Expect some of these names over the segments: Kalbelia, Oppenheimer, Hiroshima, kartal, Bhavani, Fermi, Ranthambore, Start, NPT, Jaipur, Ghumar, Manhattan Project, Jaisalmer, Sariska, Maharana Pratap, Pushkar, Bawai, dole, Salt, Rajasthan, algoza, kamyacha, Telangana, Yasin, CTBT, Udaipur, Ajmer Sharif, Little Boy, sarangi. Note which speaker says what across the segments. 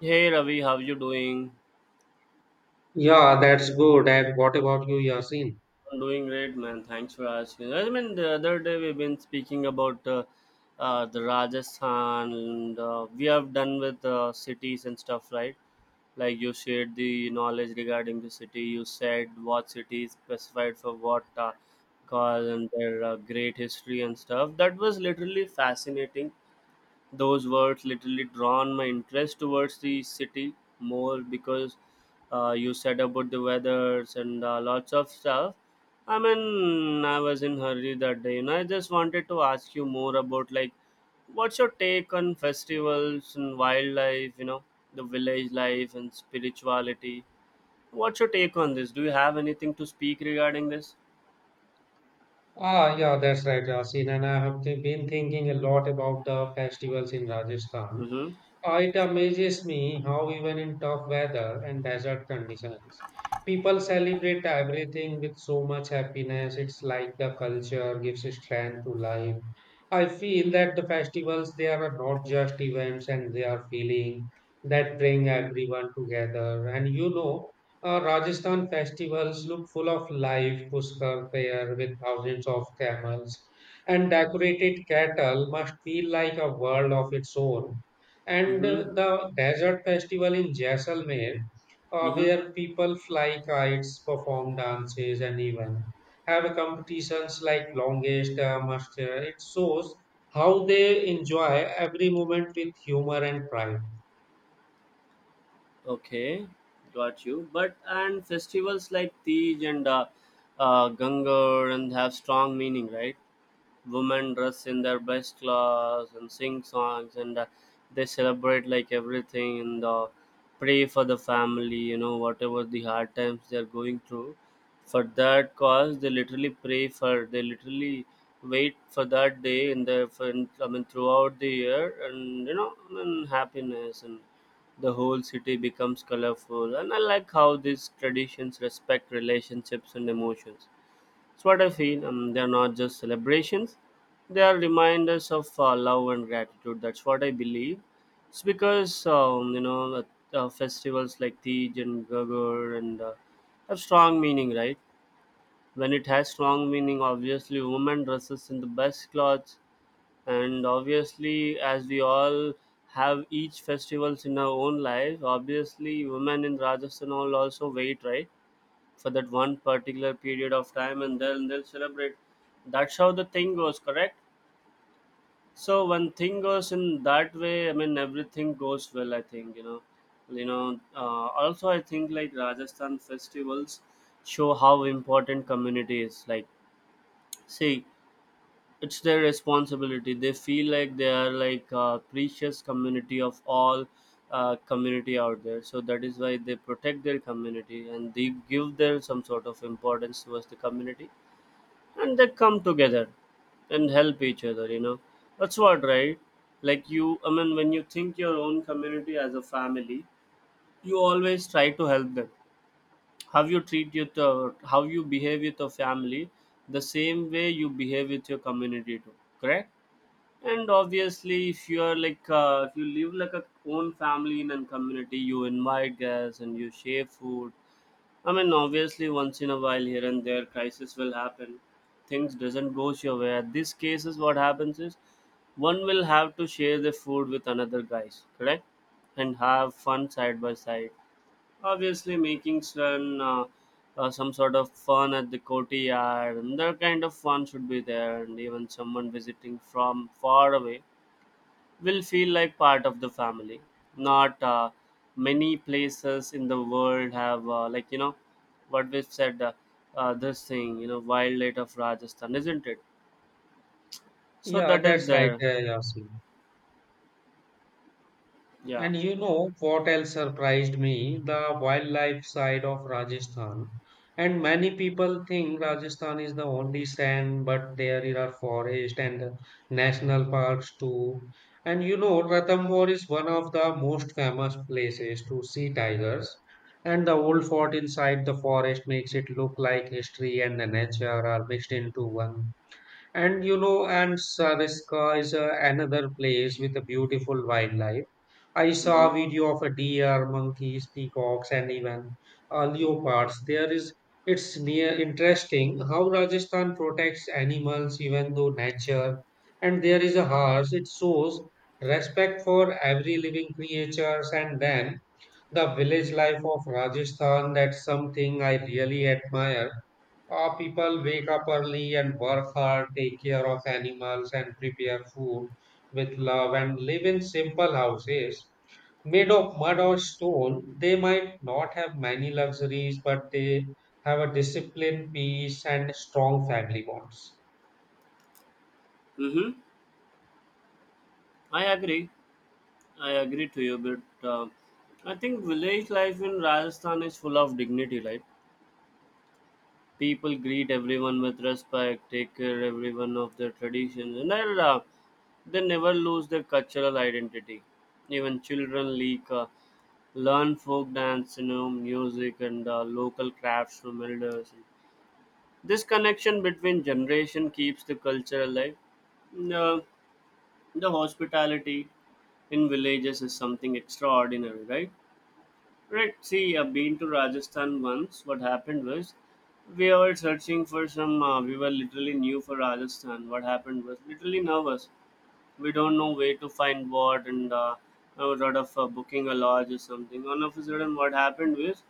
Speaker 1: Hey Ravi, how you doing?
Speaker 2: Yeah, that's good. And what about you, Yasin?
Speaker 1: I'm doing great, man. Thanks for asking. I mean, the other day we've been speaking about the Rajasthan, and we have done with cities and stuff, right? Like you shared the knowledge regarding the city. You said what city is specified for what cause and their great history and stuff. That was literally fascinating, those words literally drawn my interest towards the city more because you said about the weathers and lots of stuff. I mean, I was in hurry that day, you know. I just wanted to ask you more about, like, what's your take on festivals and wildlife? You know, the village life and spirituality. What's your take on this? Do you have anything to speak regarding this?
Speaker 2: Ah, yeah, that's right, Yasin. And I have been thinking a lot about the festivals in Rajasthan.
Speaker 1: Mm-hmm.
Speaker 2: It amazes me how even in tough weather and desert conditions, people celebrate everything with so much happiness. It's like the culture gives strength to life. I feel that the festivals they are not just events and they are feeling that bring everyone together. And you know, Rajasthan festivals look full of life, Pushkar fair with thousands of camels and decorated cattle must feel like a world of its own and
Speaker 1: Mm-hmm.
Speaker 2: uh, the desert festival in Jaisalmer,
Speaker 1: Mm-hmm.
Speaker 2: where people fly kites, perform dances, and even have competitions like longest muster. It shows how they enjoy every moment with humor and pride.
Speaker 1: Okay, got you. But and festivals like Tej and Gangar and have strong meaning, right? Women dress in their best clothes and sing songs and they celebrate like everything, and pray for the family, you know, whatever the hard times they are going through. For that cause they literally pray for, they literally wait for that day in the for, I mean throughout the year. And you know, and happiness, and the whole city becomes colorful. And I like how these traditions respect relationships and emotions. That's what I feel. They're not just celebrations, they are reminders of love and gratitude. That's what I believe. It's because, you know, festivals like Tej and Gagar and have strong meaning, right? When it has strong meaning, obviously, women dresses in the best clothes. And obviously, as we all have each festivals in our own life, obviously, women in Rajasthan all also wait, right? For that one particular period of time, and then they'll celebrate. That's how the thing goes, correct? So when thing goes in that way, I mean everything goes well, I think, you know. Also I think like Rajasthan festivals show how important community is, like, see, it's their responsibility. They feel like they are like a precious community of all community out there. So that is why they protect their community, and they give their some sort of importance towards the community, and they come together and help each other, you know. That's what, right? Like you, I mean, when you think your own community as a family, you always try to help them. How you treat your how you behave with your family, the same way you behave with your community too, correct? And obviously if you are like if you live like a own family in a community, you invite guests and you share food. I mean, obviously, once in a while, here and there, crisis will happen. Things doesn't go your way. At these cases, what happens is one will have to share the food with another guys, correct? And have fun side by side. Obviously, making some sort of fun at the courtyard, and that kind of fun should be there. And even someone visiting from far away will feel like part of the family. Not many places in the world have like, you know, what we said this thing, you know, wildlife of Rajasthan, isn't it? So
Speaker 2: Yeah,
Speaker 1: that is
Speaker 2: that's right,
Speaker 1: there.
Speaker 2: Yasin.
Speaker 1: Yeah.
Speaker 2: And you know what else surprised me? The wildlife side of Rajasthan. And many people think Rajasthan is the only sand, but there are forests and national parks too. And you know, Ranthambore is one of the most famous places to see tigers. And the old fort inside the forest makes it look like history and the nature are mixed into one. And you know, and Sariska is another place with a beautiful wildlife. I saw
Speaker 1: Mm-hmm.
Speaker 2: a video of a deer, monkeys, peacocks, and even leopards. There is it's near interesting how Rajasthan protects animals, even though nature, and there is a horse. It shows respect for every living creatures, and then the village life of Rajasthan. That's something I really admire people wake up early and work hard, take care of animals, and prepare food with love, and live in simple houses made of mud or stone. They might not have many luxuries, but they have a disciplined peace and strong family bonds.
Speaker 1: Mm-hmm. I agree. I agree to you, but I think village life in Rajasthan is full of dignity, right? People greet everyone with respect, take care everyone of their traditions, and they never lose their cultural identity. Even children like, learn folk dance, you know, music, and local crafts from elders. This connection between generation keeps the culture alive. Uh, the hospitality in villages is something extraordinary, right? Right. See, I've been to Rajasthan once. What happened was, we were searching for some. We were literally new for Rajasthan. What happened was, literally nervous, we don't know where to find what, and a lot of booking a lodge or something. All of a sudden, what happened was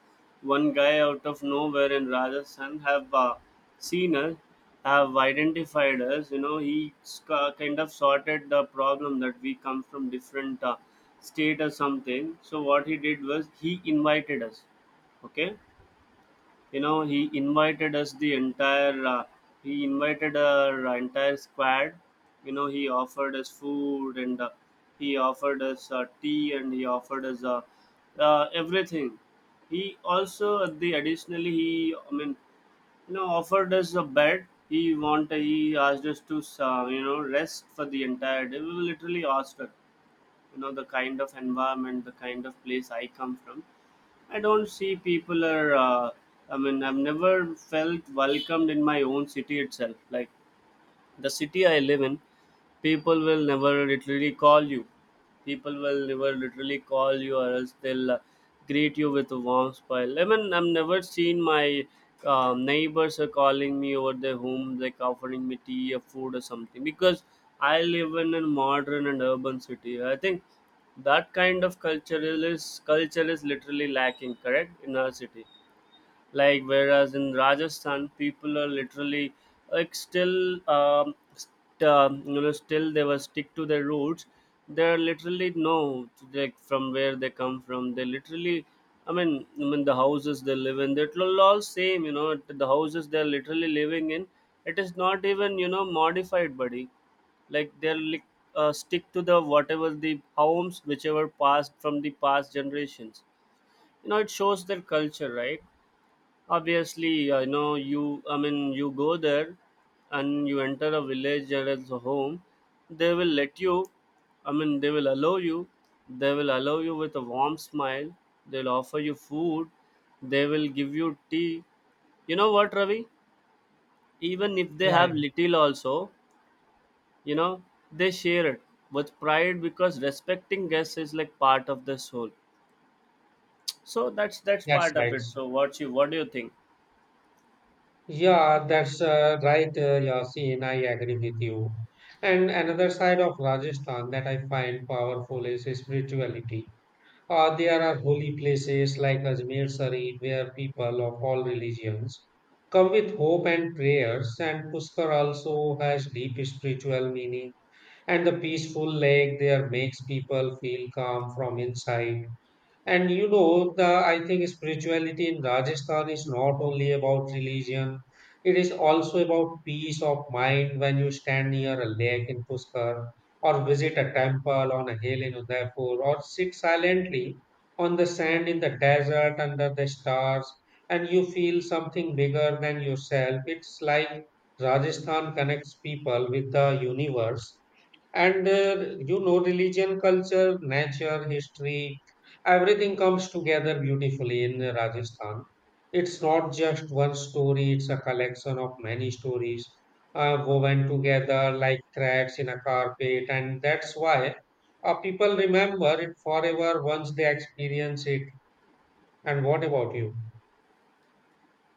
Speaker 1: one guy out of nowhere in Rajasthan have seen us, have identified us. You know, kind of sorted the problem that we come from different state or something. So what he did was he invited us. Okay, you know, he invited us the entire. He invited our entire squad. You know, he offered us food, and he offered us tea, and he offered us everything. He also at the additionally he I mean, you know, offered us a bed. He asked us to you know, rest for the entire day. We literally asked her, you know, the kind of environment, the kind of place I come from, I don't see people are I mean, I've never felt welcomed in my own city itself. Like, the city I live in, people will never literally call you. People will never literally call you, or else they'll greet you with a warm smile. I mean, I've never seen my neighbors are calling me over their home, like offering me tea or food or something, because I live in a modern and urban city. I think that kind of culture is literally lacking, correct, in our city, like. Whereas in Rajasthan, people are literally like still, you know, still they were stick to their roots. They're literally no, like from where they come from. They literally, I mean the houses they live in, they're all same. You know, the houses they're literally living in, it is not even, you know, modified, buddy. Like they are like, stick to the whatever the homes whichever passed from the past generations. You know, it shows their culture, right? Obviously, I know you, I mean, you go there and you enter a village, that is a home, they will let you, I mean they will allow you, they will allow you with a warm smile. They'll offer you food, they will give you tea. You know what, Ravi, even if they
Speaker 2: Yeah, yeah,
Speaker 1: have little also, you know, they share it with pride, because respecting guests is like part of the soul. So that's
Speaker 2: that's
Speaker 1: part of
Speaker 2: right.
Speaker 1: it. So what you, what do you think?
Speaker 2: Yeah, that's right, Yasin. I agree with you. And another side of Rajasthan that I find powerful is spirituality. There are holy places like Ajmer Sharif where people of all religions come with hope and prayers, and Pushkar also has deep spiritual meaning. And the peaceful lake there makes people feel calm from inside. And you know, the I think spirituality in Rajasthan is not only about religion, it is also about peace of mind when you stand near a lake in Pushkar or visit a temple on a hill in Udaipur or sit silently on the sand in the desert under the stars and you feel something bigger than yourself. It's like Rajasthan connects people with the universe and you know, religion, culture, nature, history, everything comes together beautifully in Rajasthan. It's not just one story, it's a collection of many stories woven together like threads in a carpet. And that's why people remember it forever once they experience it. And what about you?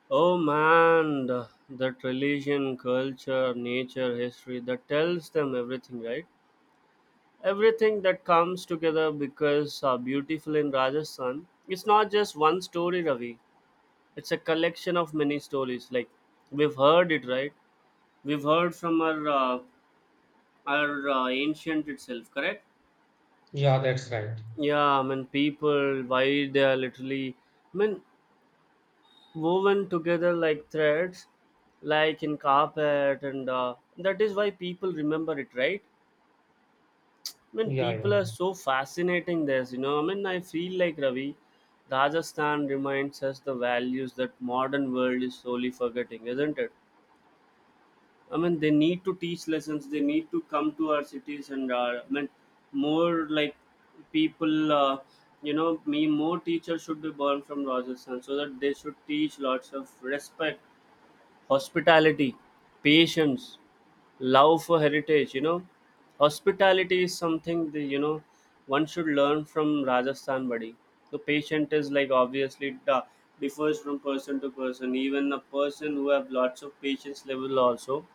Speaker 1: Oh man, the, that religion, culture, nature, history, that tells them everything, right? Everything that comes together because beautiful in Rajasthan. It's not just one story, Ravi. It's a collection of many stories. Like, we've heard it, right? We've heard from our ancient itself, correct?
Speaker 2: Yeah, that's right.
Speaker 1: Yeah, I mean people, why they are literally. I mean, woven together like threads like in carpet, and that is why people remember it, right? I mean,
Speaker 2: Yeah,
Speaker 1: people
Speaker 2: yeah.
Speaker 1: are so fascinating this, you know. I mean, I feel like, Ravi, Rajasthan reminds us the values that modern world is slowly forgetting, isn't it? I mean, they need to teach lessons, they need to come to our cities, and I mean, more like people you know, me more teachers should be born from Rajasthan so that they should teach lots of respect, hospitality, patience, love for heritage. You know, hospitality is something that, you know, one should learn from Rajasthan, buddy. The patient is, like, obviously it differs from person to person. Even a person who have lots of patience level also,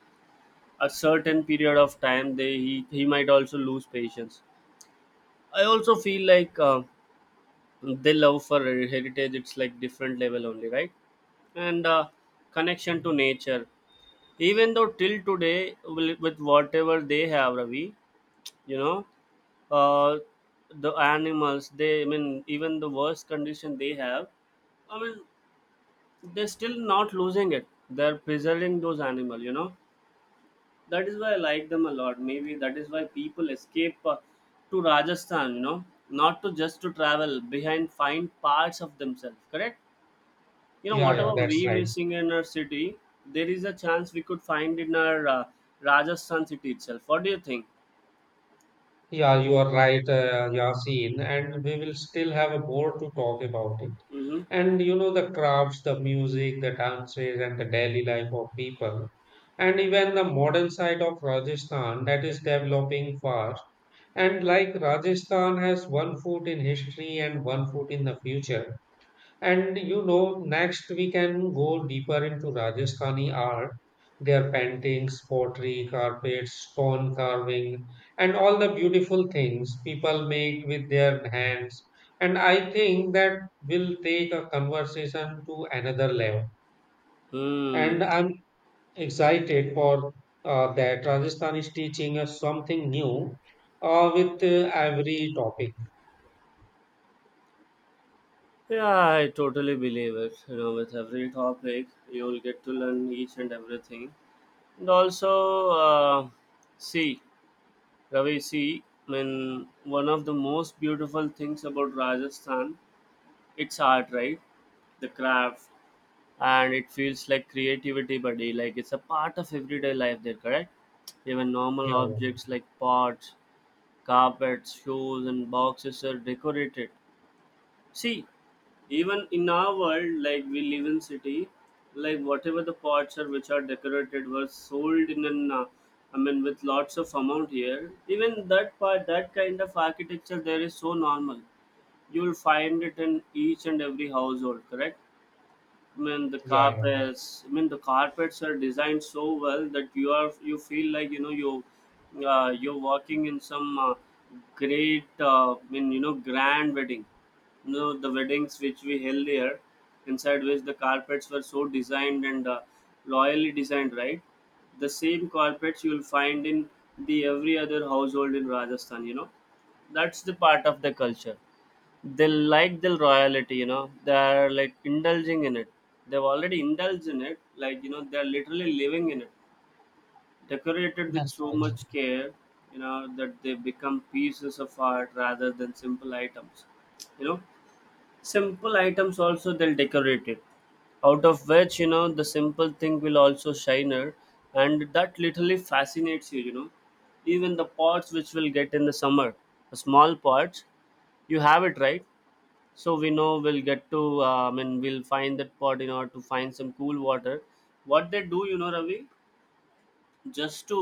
Speaker 1: a certain period of time, they he might also lose patience. I also feel like they love for heritage. It's like different level only, right? And connection to nature, even though till today with whatever they have, Ravi, you know, uh, the animals they, I mean, even the worst condition they have, I mean, they're still not losing it, they're preserving those animal, you know. That is why I like them a lot. Maybe that is why people escape to Rajasthan, you know, not to just to travel, behind find parts of themselves, correct? You know,
Speaker 2: Yeah, yeah,
Speaker 1: whatever we
Speaker 2: that's right.
Speaker 1: missing in our city, there is a chance we could find in our Rajasthan city itself. What do you think?
Speaker 2: Yeah, you are right, Yasin, and we will still have more to talk about it.
Speaker 1: Mm-hmm.
Speaker 2: And you know, the crafts, the music, the dances, and the daily life of people, and even the modern side of Rajasthan that is developing fast. And like Rajasthan has one foot in history and one foot in the future. And you know, next we can go deeper into Rajasthani art, their paintings, pottery, carpets, stone carving, and all the beautiful things people make with their hands. And I think that will take a conversation to another level. And
Speaker 1: Hmm.
Speaker 2: I'm excited for that. Rajasthan is teaching us something new with every topic.
Speaker 1: Yeah, I totally believe it. You know, with every topic, you'll get to learn each and everything. And also, see, Ravi, see, I mean, one of the most beautiful things about Rajasthan, its art, right? The craft, and it feels like creativity, buddy, like it's a part of everyday life there, correct? Even normal
Speaker 2: Yeah,
Speaker 1: objects like pots, carpets, shoes and boxes are decorated. See, even in our world, like we live in city, like whatever the pots are which are decorated were sold in an I mean with lots of amount here. Even that part, that kind of architecture there is so normal. You will find it in each and every household, correct? I mean the
Speaker 2: yeah, yeah, yeah.
Speaker 1: carpets. The carpets are designed so well that you feel like, you know, you you're walking in some great. I mean, you know, grand wedding. You know the weddings which we held here, inside which the carpets were so designed and loyally designed, right? The same carpets you'll find in the every other household in Rajasthan. You know, that's the part of the culture. They like the royalty, you know, they're like indulging in it. They've already indulged in it, like, you know, they're literally living in it, decorated with
Speaker 2: That's
Speaker 1: so
Speaker 2: right.
Speaker 1: much care, you know, that they become pieces of art rather than simple items. You know, simple items also they'll decorate it, out of which, you know, the simple thing will also shiner, and that literally fascinates you, you know. Even the pots which will get in the summer, the small pots, you have it, right? So we know we'll get to I mean we'll find that pot in order to find some cool water. What they do, you know, Ravi, just to,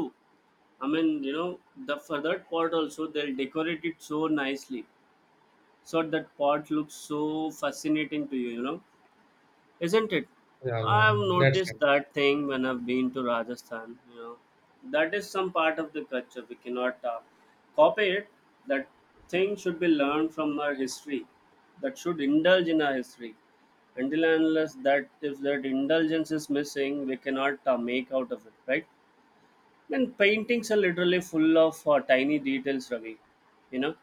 Speaker 1: I mean, you know, the for that pot also they'll decorate it so nicely, so that pot looks so fascinating to you, you know. Isn't it?
Speaker 2: Yeah,
Speaker 1: I've
Speaker 2: yeah. That's
Speaker 1: noticed
Speaker 2: right.
Speaker 1: that thing when I've been to Rajasthan. You know, that is some part of the culture. We cannot copy it. That thing should be learned from our history. That should indulge in our history. Until and unless that if that indulgence is missing, we cannot make out of it, right? And paintings are literally full of tiny details, Ravi. You know,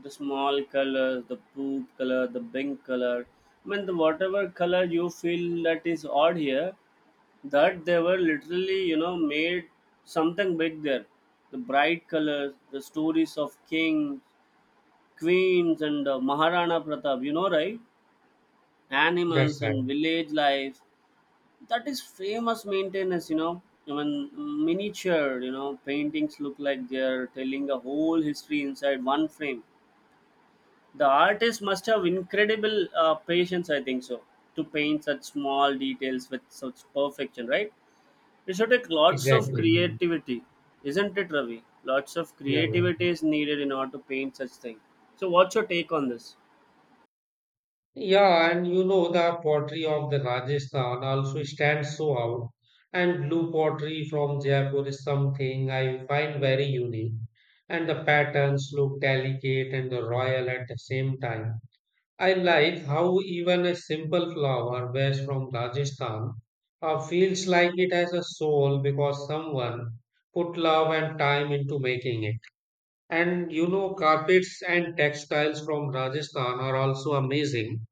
Speaker 1: the small color, the poop color, the pink color. I mean, the whatever color you feel that is odd here, that they were literally, you know, made something big there. The bright colors, the stories of kings, queens, and Maharana Pratap, you know, right?
Speaker 2: That's
Speaker 1: Animals
Speaker 2: right.
Speaker 1: and village life, that is famous maintenance, you know. I mean, miniature, you know, paintings look like they're telling a whole history inside one frame. The artist must have incredible patience, I think so, to paint such small details with such perfection, right? It should take lots of
Speaker 2: Exactly.
Speaker 1: creativity. Isn't it, Ravi? Lots of
Speaker 2: Yeah, yeah.
Speaker 1: creativity is needed in order to paint such thing. So what's your take on this?
Speaker 2: Yeah, and you know the pottery of the Rajasthan also stands so out. And blue pottery from Jaipur is something I find very unique. And the patterns look delicate and royal at the same time. I like how even a simple flower vase from Rajasthan feels like it has a soul because someone put love and time into making it. And you know, carpets and textiles from Rajasthan are also amazing.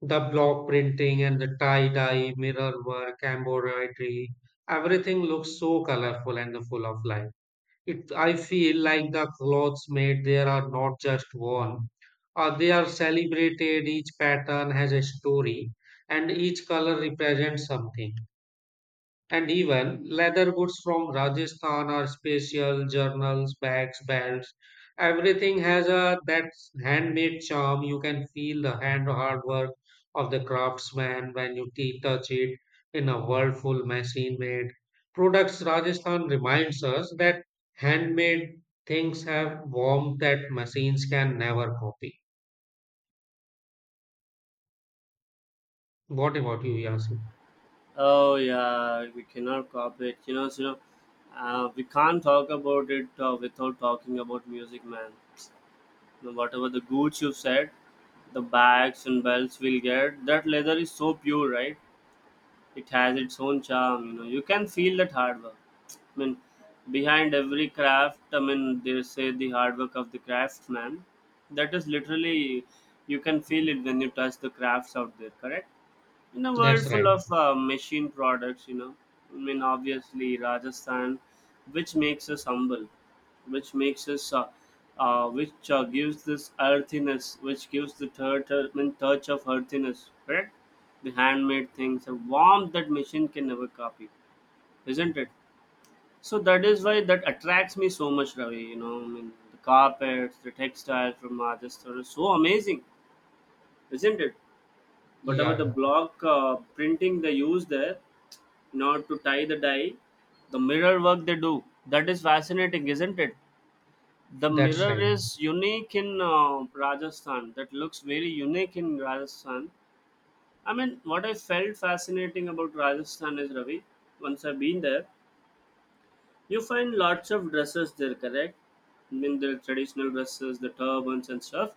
Speaker 2: The block printing and the tie-dye, mirror work, embroidery, everything looks so colorful and full of life. It, I feel like the clothes made there are not just worn, they are celebrated. Each pattern has a story, and each color represents something. And even leather goods from Rajasthan are special, journals, bags, belts. Everything has a that handmade charm. You can feel the hand hard work of the craftsman when you touch it in a world full machine-made products. Rajasthan reminds us that handmade things have warmth that machines can never copy. What about you, Yasin?
Speaker 1: Oh yeah, we cannot cooperate. You know, so, you know, we can't talk about it without talking about music, man. You know, whatever the goods you've said, the bags and belts we'll get, that leather is so pure, right? It has its own charm. You know, you can feel that hard work. I mean, behind every craft, I mean, they say the hard work of the craftsman. That is literally, you can feel it when you touch the crafts out there. Correct? In a world
Speaker 2: That's
Speaker 1: full
Speaker 2: right.
Speaker 1: of machine products, you know, I mean, obviously Rajasthan, which makes us humble, which makes us which gives this earthiness, which gives the touch, I mean, touch of earthiness, correct? The handmade things a warmth that machine can never copy. Isn't it? So that is why that attracts me so much, Ravi. You know, I mean the carpets, the textiles from Rajasthan are so amazing. Isn't it?
Speaker 2: Yeah,
Speaker 1: Whatever the
Speaker 2: yeah.
Speaker 1: block printing they use there, not to tie the dye, the mirror work they do, that is fascinating. Isn't it? The
Speaker 2: That's
Speaker 1: mirror
Speaker 2: right.
Speaker 1: is unique in Rajasthan, that looks very unique in Rajasthan. I mean, what I felt fascinating about Rajasthan is, Ravi, once I've been there, you find lots of dresses there, correct? I mean the traditional dresses, the turbans and stuff.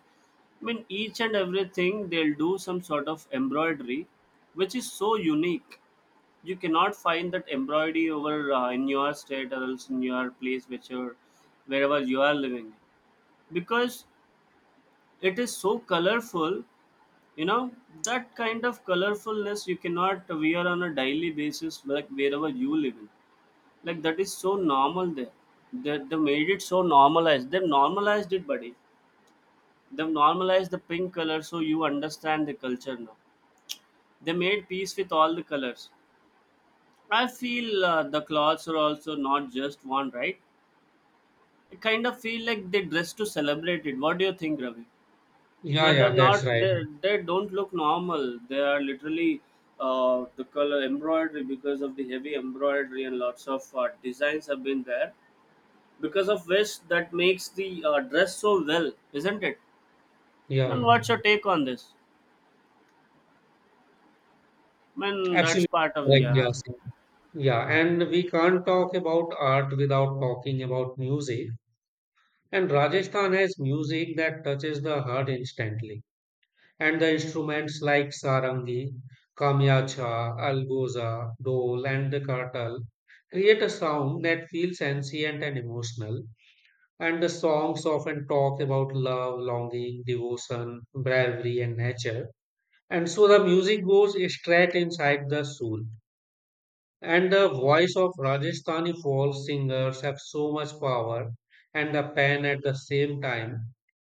Speaker 1: I mean, each and everything they'll do some sort of embroidery, which is so unique. You cannot find that embroidery over in your state or else in your place which you're, wherever you are living, because it is so colorful, you know, that kind of colorfulness you cannot wear on a daily basis like wherever you live in. Like that is so normal there. They made it so normalized, they've normalized it, buddy. They've normalized the pink color, so you understand the culture now. They made peace with all the colors. I feel the clothes are also not just one, right? I kind of feel like they dress to celebrate it. What do you think, Ravi? You
Speaker 2: Yeah,
Speaker 1: know, they're
Speaker 2: yeah, that's
Speaker 1: not.
Speaker 2: right.
Speaker 1: They don't look normal. They are literally the color embroidery, because of the heavy embroidery and lots of designs have been there. Because of which that makes the dress so well, isn't it?
Speaker 2: Yeah,
Speaker 1: Man,
Speaker 2: yeah.
Speaker 1: what's your take on this? Man, that's
Speaker 2: Absolutely
Speaker 1: part of the
Speaker 2: correct,
Speaker 1: yeah.
Speaker 2: Yasin. Yeah, and we can't talk about art without talking about music. And Rajasthan has music that touches the heart instantly. And the instruments like sarangi, kamyacha, algoza, dole, and the kartal create a sound that feels ancient and emotional. And the songs often talk about love, longing, devotion, bravery, and nature. And so the music goes straight inside the soul. And the voice of Rajasthani folk singers have so much power and the pen at the same time.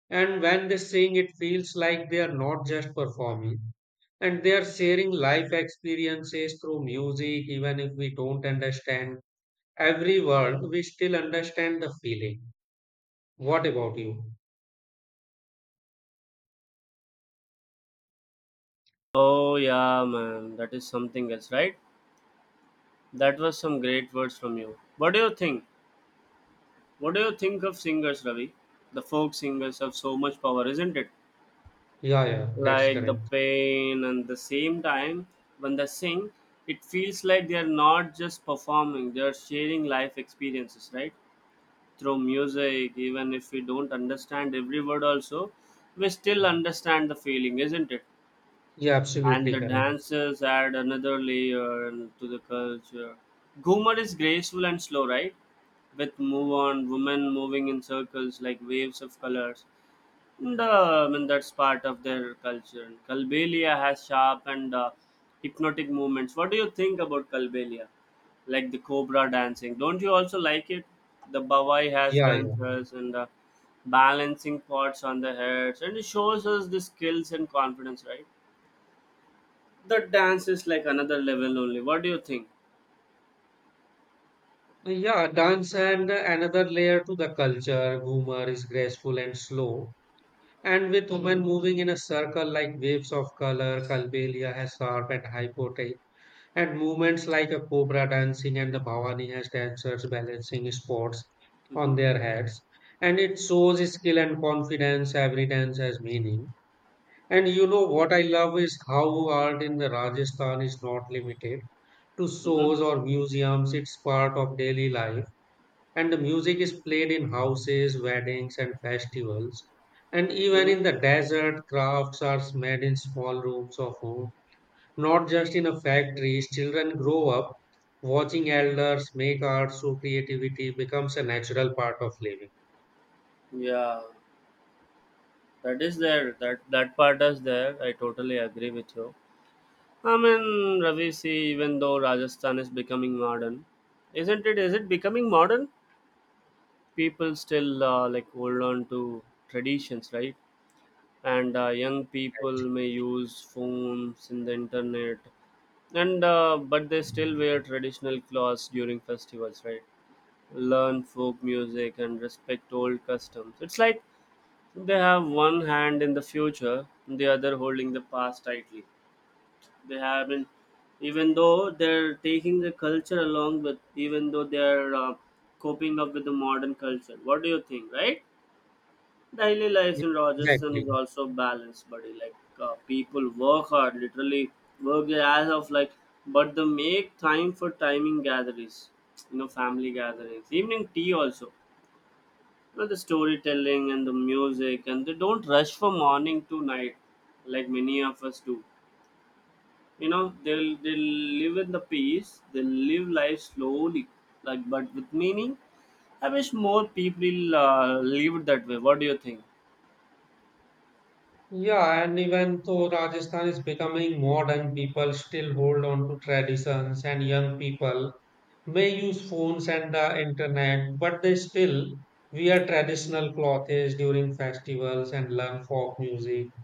Speaker 2: And when they sing, it feels like they are not just performing and they are sharing life experiences through music. Even if we don't understand every word, we still understand the feeling. What about you?
Speaker 1: Oh yeah, man, that is something else, right? That was some great words from you. What do you think? What do you think of singers, Ravi? The folk singers have so much power, isn't it?
Speaker 2: Yeah, yeah, that's
Speaker 1: Like the
Speaker 2: correct.
Speaker 1: pain, and the same time when they sing, it feels like they are not just performing; they are sharing life experiences, right? Through music, even if we don't understand every word, also we still understand the feeling, isn't it?
Speaker 2: Yeah,
Speaker 1: And
Speaker 2: absolutely
Speaker 1: the
Speaker 2: correct.
Speaker 1: dances add another layer to the culture. Ghumar is graceful and slow, right? With move on, women moving in circles like waves of colors. And I mean, that's part of their culture. Kalbelia has sharp and hypnotic movements. What do you think about Kalbelia? Like the cobra dancing. Don't you also like it? The Bawai has
Speaker 2: Yeah, yeah.
Speaker 1: dancers and balancing pots on the heads. And it shows us the skills and confidence, right? The dance is like another level only. What do you think?
Speaker 2: Yeah, dance and another layer to the culture. Ghumar is graceful and slow, and with women Hmm. moving in a circle like waves of color, Kalbelia has sharp and hypothetical, and movements like a cobra dancing and the Bhavani has dancers balancing spots
Speaker 1: Mm-hmm.
Speaker 2: on their heads. And it shows skill and confidence, every dance has meaning. And you know what I love is how art in the Rajasthan is not limited to
Speaker 1: Mm-hmm.
Speaker 2: shows or museums, it's part of daily life and the music is played in houses, weddings, and festivals. And even
Speaker 1: Mm-hmm.
Speaker 2: in the desert, crafts are made in small rooms of home, not just in a factory. Children grow up watching elders make art, so creativity becomes a natural part of living.
Speaker 1: Yeah, that is there, that that part is there, I totally agree with you. I mean, Ravi, see, even though Rajasthan is becoming modern, isn't it, is it becoming modern, people still like hold on to traditions, right? And young people may use phones in the internet, and but they still wear traditional clothes during festivals, right? Learn folk music and respect old customs. It's like they have one hand in the future, the other holding the past tightly. They have been, even though they're taking the culture along with, even though they're coping up with the modern culture. What do you think, right? Daily
Speaker 2: Yeah,
Speaker 1: life in Rajasthan
Speaker 2: Exactly.
Speaker 1: is also balanced, buddy. Like people work hard, literally work their ass off, like, but they make time for timing gatherings, you know, family gatherings, evening tea also, well, the storytelling and the music, and they don't rush from morning to night like many of us do. You know, they'll live in the peace. They'll live life slowly, like but with meaning. I wish more people lived that way. What do you think?
Speaker 2: Yeah, and even though Rajasthan is becoming modern, people still hold on to traditions, and young people may use phones and the internet, but they still wear traditional clothes during festivals and learn folk music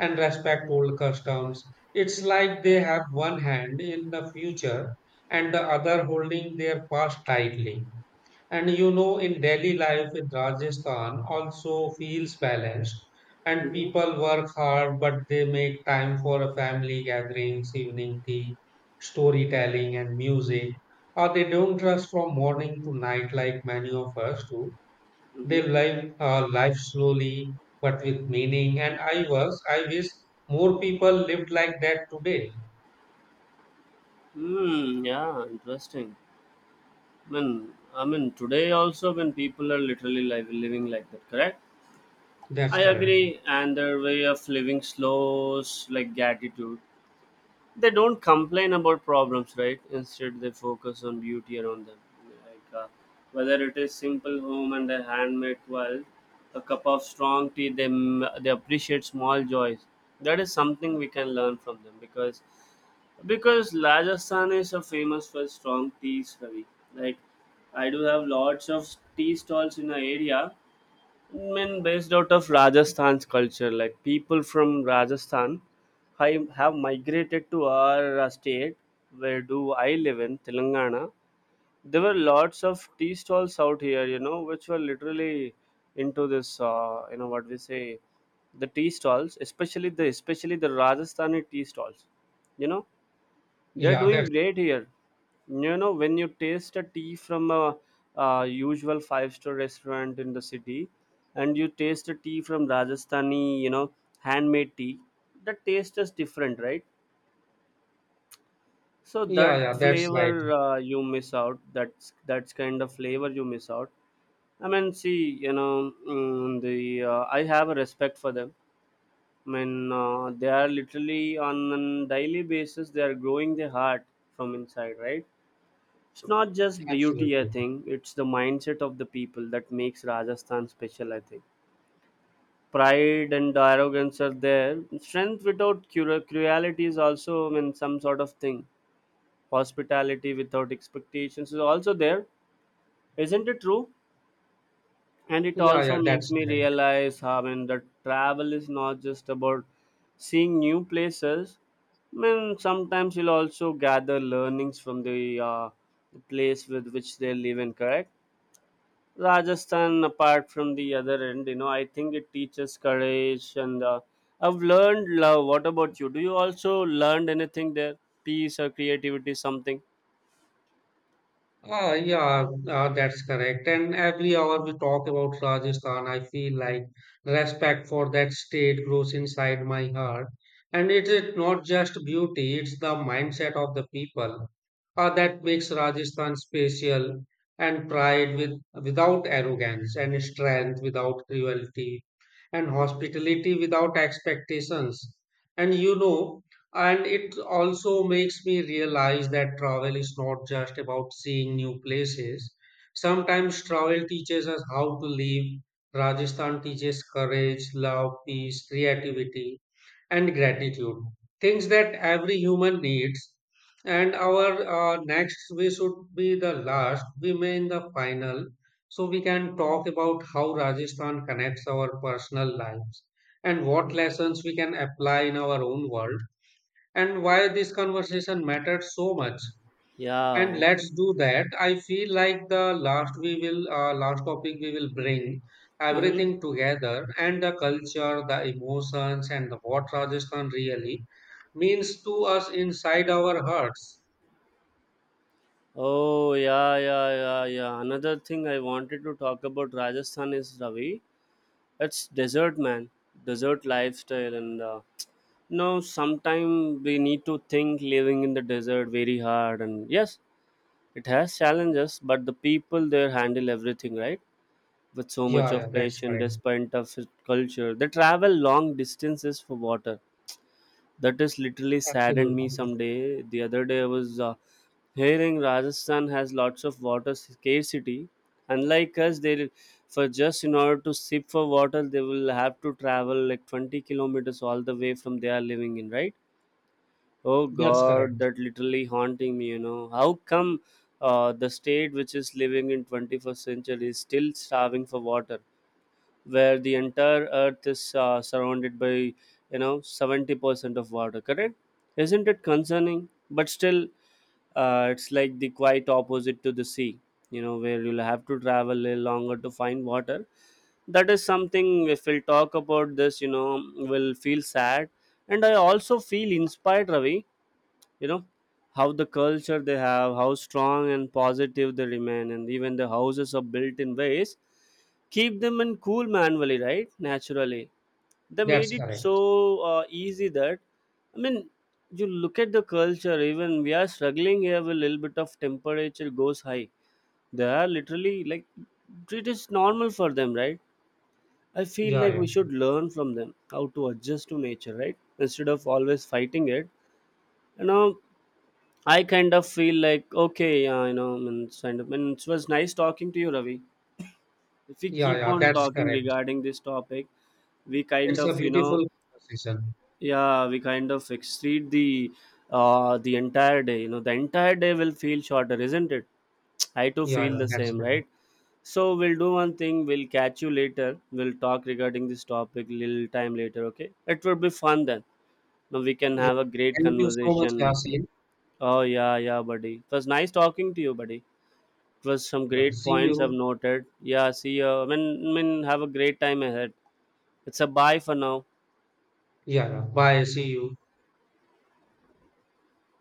Speaker 2: and respect old customs. It's like they have one hand in the future and the other holding their past tightly. And you know, in daily life in Rajasthan also feels balanced, and
Speaker 1: Mm-hmm.
Speaker 2: people work hard, but they make time for a family gatherings, evening tea, storytelling, and music. Or they don't rush from morning to night like many of us do.
Speaker 1: Mm-hmm.
Speaker 2: They live a life slowly but with meaning, and I wish more people lived like that today.
Speaker 1: Hmm. Yeah. Interesting. I mean, today also when people are literally living like that, correct?
Speaker 2: That's
Speaker 1: I
Speaker 2: correct.
Speaker 1: agree. And their way of living slows like gratitude. They don't complain about problems, right? Instead they focus on beauty around them, like whether it is simple home and a handmade quilt, a cup of strong tea, they appreciate small joys. That is something we can learn from them, because Rajasthan is a famous for strong teas, Ravi. Like I do have lots of tea stalls in the area. Men based out of Rajasthan's culture, like people from Rajasthan, I have migrated to our state, where do I live in Telangana. There were lots of tea stalls out here, you know, which were literally into this, you know, what we say, the tea stalls, especially the Rajasthani tea stalls, you know. They're
Speaker 2: Yeah, that's
Speaker 1: doing great here. You know, when you taste a tea from a, uh, usual five-star restaurant in the city, and you taste a tea from Rajasthani, you know, handmade tea, the taste is different, right? So
Speaker 2: yeah,
Speaker 1: that
Speaker 2: yeah, that's right.
Speaker 1: flavor you miss out. That's kind of flavor you miss out. I mean, see, you know, mm, the I have a respect for them. I mean, they are literally on a daily basis. They are growing their heart from inside, right? It's not just beauty, I
Speaker 2: Absolutely.
Speaker 1: think. It's the mindset of the people that makes Rajasthan special, I think. Pride and arrogance are there. Strength without cruelty is also, I mean, some sort of thing. Hospitality without expectations is also there. Isn't it true? And it
Speaker 2: Yeah,
Speaker 1: also
Speaker 2: yeah,
Speaker 1: makes
Speaker 2: that's
Speaker 1: me
Speaker 2: right.
Speaker 1: realize, I mean, that travel is not just about seeing new places. I mean, sometimes you'll also gather learnings from the place with which they live in, correct? Rajasthan, apart from the other end, you know, I think it teaches courage and I've learned love. What about you? Do you also learned anything there? Peace or creativity, something?
Speaker 2: Ah, yeah, that's correct. And every hour we talk about Rajasthan, I feel like respect for that state grows inside my heart. And it is not just beauty, it's the mindset of the people that makes Rajasthan special and pride with without arrogance and strength without cruelty and hospitality without expectations. And you know, and it also makes me realize that travel is not just about seeing new places. Sometimes travel teaches us how to live. Rajasthan teaches courage, love, peace, creativity, and gratitude. Things that every human needs. And our next, we should be the last, we may in the final. So we can talk about how Rajasthan connects our personal lives and what lessons we can apply in our own world and why this conversation mattered so much. And
Speaker 1: Yeah.
Speaker 2: let's do that. I feel like the last we will, last topic we will bring
Speaker 1: Mm-hmm.
Speaker 2: everything together and the culture, the emotions, and the what Rajasthan really means to us inside our hearts.
Speaker 1: Oh, yeah, yeah, yeah, yeah. Another thing I wanted to talk about Rajasthan is, Ravi. It's desert, man. Desert lifestyle. And no, sometime we need to think living in the desert very hard. And yes, it has challenges, but the people there handle everything, right? With so much
Speaker 2: Yeah,
Speaker 1: of
Speaker 2: yeah, that's
Speaker 1: patience,
Speaker 2: correct.
Speaker 1: despite of his culture. They travel long distances for water. That is literally
Speaker 2: Absolutely,
Speaker 1: saddened me someday. The other day I was hearing Rajasthan has lots of water scarcity. Unlike us, they for just in order to sip for water, they will have to travel like 20 kilometers all the way from they are living in, right? Oh
Speaker 2: that's
Speaker 1: God,
Speaker 2: correct.
Speaker 1: that literally haunting me. You know how come the state which is living in 21st century is still starving for water, where the entire earth is surrounded by, you know, 70% of water, correct? Isn't it concerning? But still, it's like the quite opposite to the sea, you know, where you'll have to travel a little longer to find water. That is something if we'll talk about this, you know, will feel sad. And I also feel inspired, Ravi, you know, how the culture they have, how strong and positive they remain. And even the houses are built in ways keep them in cool manually, right, naturally. They
Speaker 2: That's
Speaker 1: made it so
Speaker 2: correct.
Speaker 1: easy that, I mean, you look at the culture. Even we are struggling here with a little bit of temperature goes high, they are literally like it is normal for them, right? I feel
Speaker 2: Yeah,
Speaker 1: like
Speaker 2: yeah,
Speaker 1: we should learn from them how to adjust to nature, right, instead of always fighting it. You know, I kind of feel like, okay, yeah, you know, I mean, it's kind of, I mean, it was nice talking to you, Ravi. If we
Speaker 2: yeah,
Speaker 1: keep
Speaker 2: yeah.
Speaker 1: on
Speaker 2: That's
Speaker 1: talking
Speaker 2: correct.
Speaker 1: regarding this topic, we kind
Speaker 2: It's a
Speaker 1: of, you know,
Speaker 2: beautiful conversation.
Speaker 1: yeah, we kind of exceed the entire day. You know, the entire day will feel shorter. Isn't it? I too
Speaker 2: Yeah,
Speaker 1: feel
Speaker 2: yeah,
Speaker 1: the
Speaker 2: that's
Speaker 1: same,
Speaker 2: correct.
Speaker 1: right? So we'll do one thing, we'll catch you later, we'll talk regarding this topic little time later, okay? It will be fun then. Now we can
Speaker 2: Yeah.
Speaker 1: have a great
Speaker 2: Thank you so much,
Speaker 1: conversation.
Speaker 2: Yasin.
Speaker 1: Oh yeah, yeah, buddy, it was nice talking to you, buddy. It was some
Speaker 2: Yeah.
Speaker 1: great
Speaker 2: See
Speaker 1: points I've
Speaker 2: you.
Speaker 1: noted. Yeah, see you. I mean, have a great time ahead. It's a bye for now.
Speaker 2: Yeah, yeah. Bye. See you.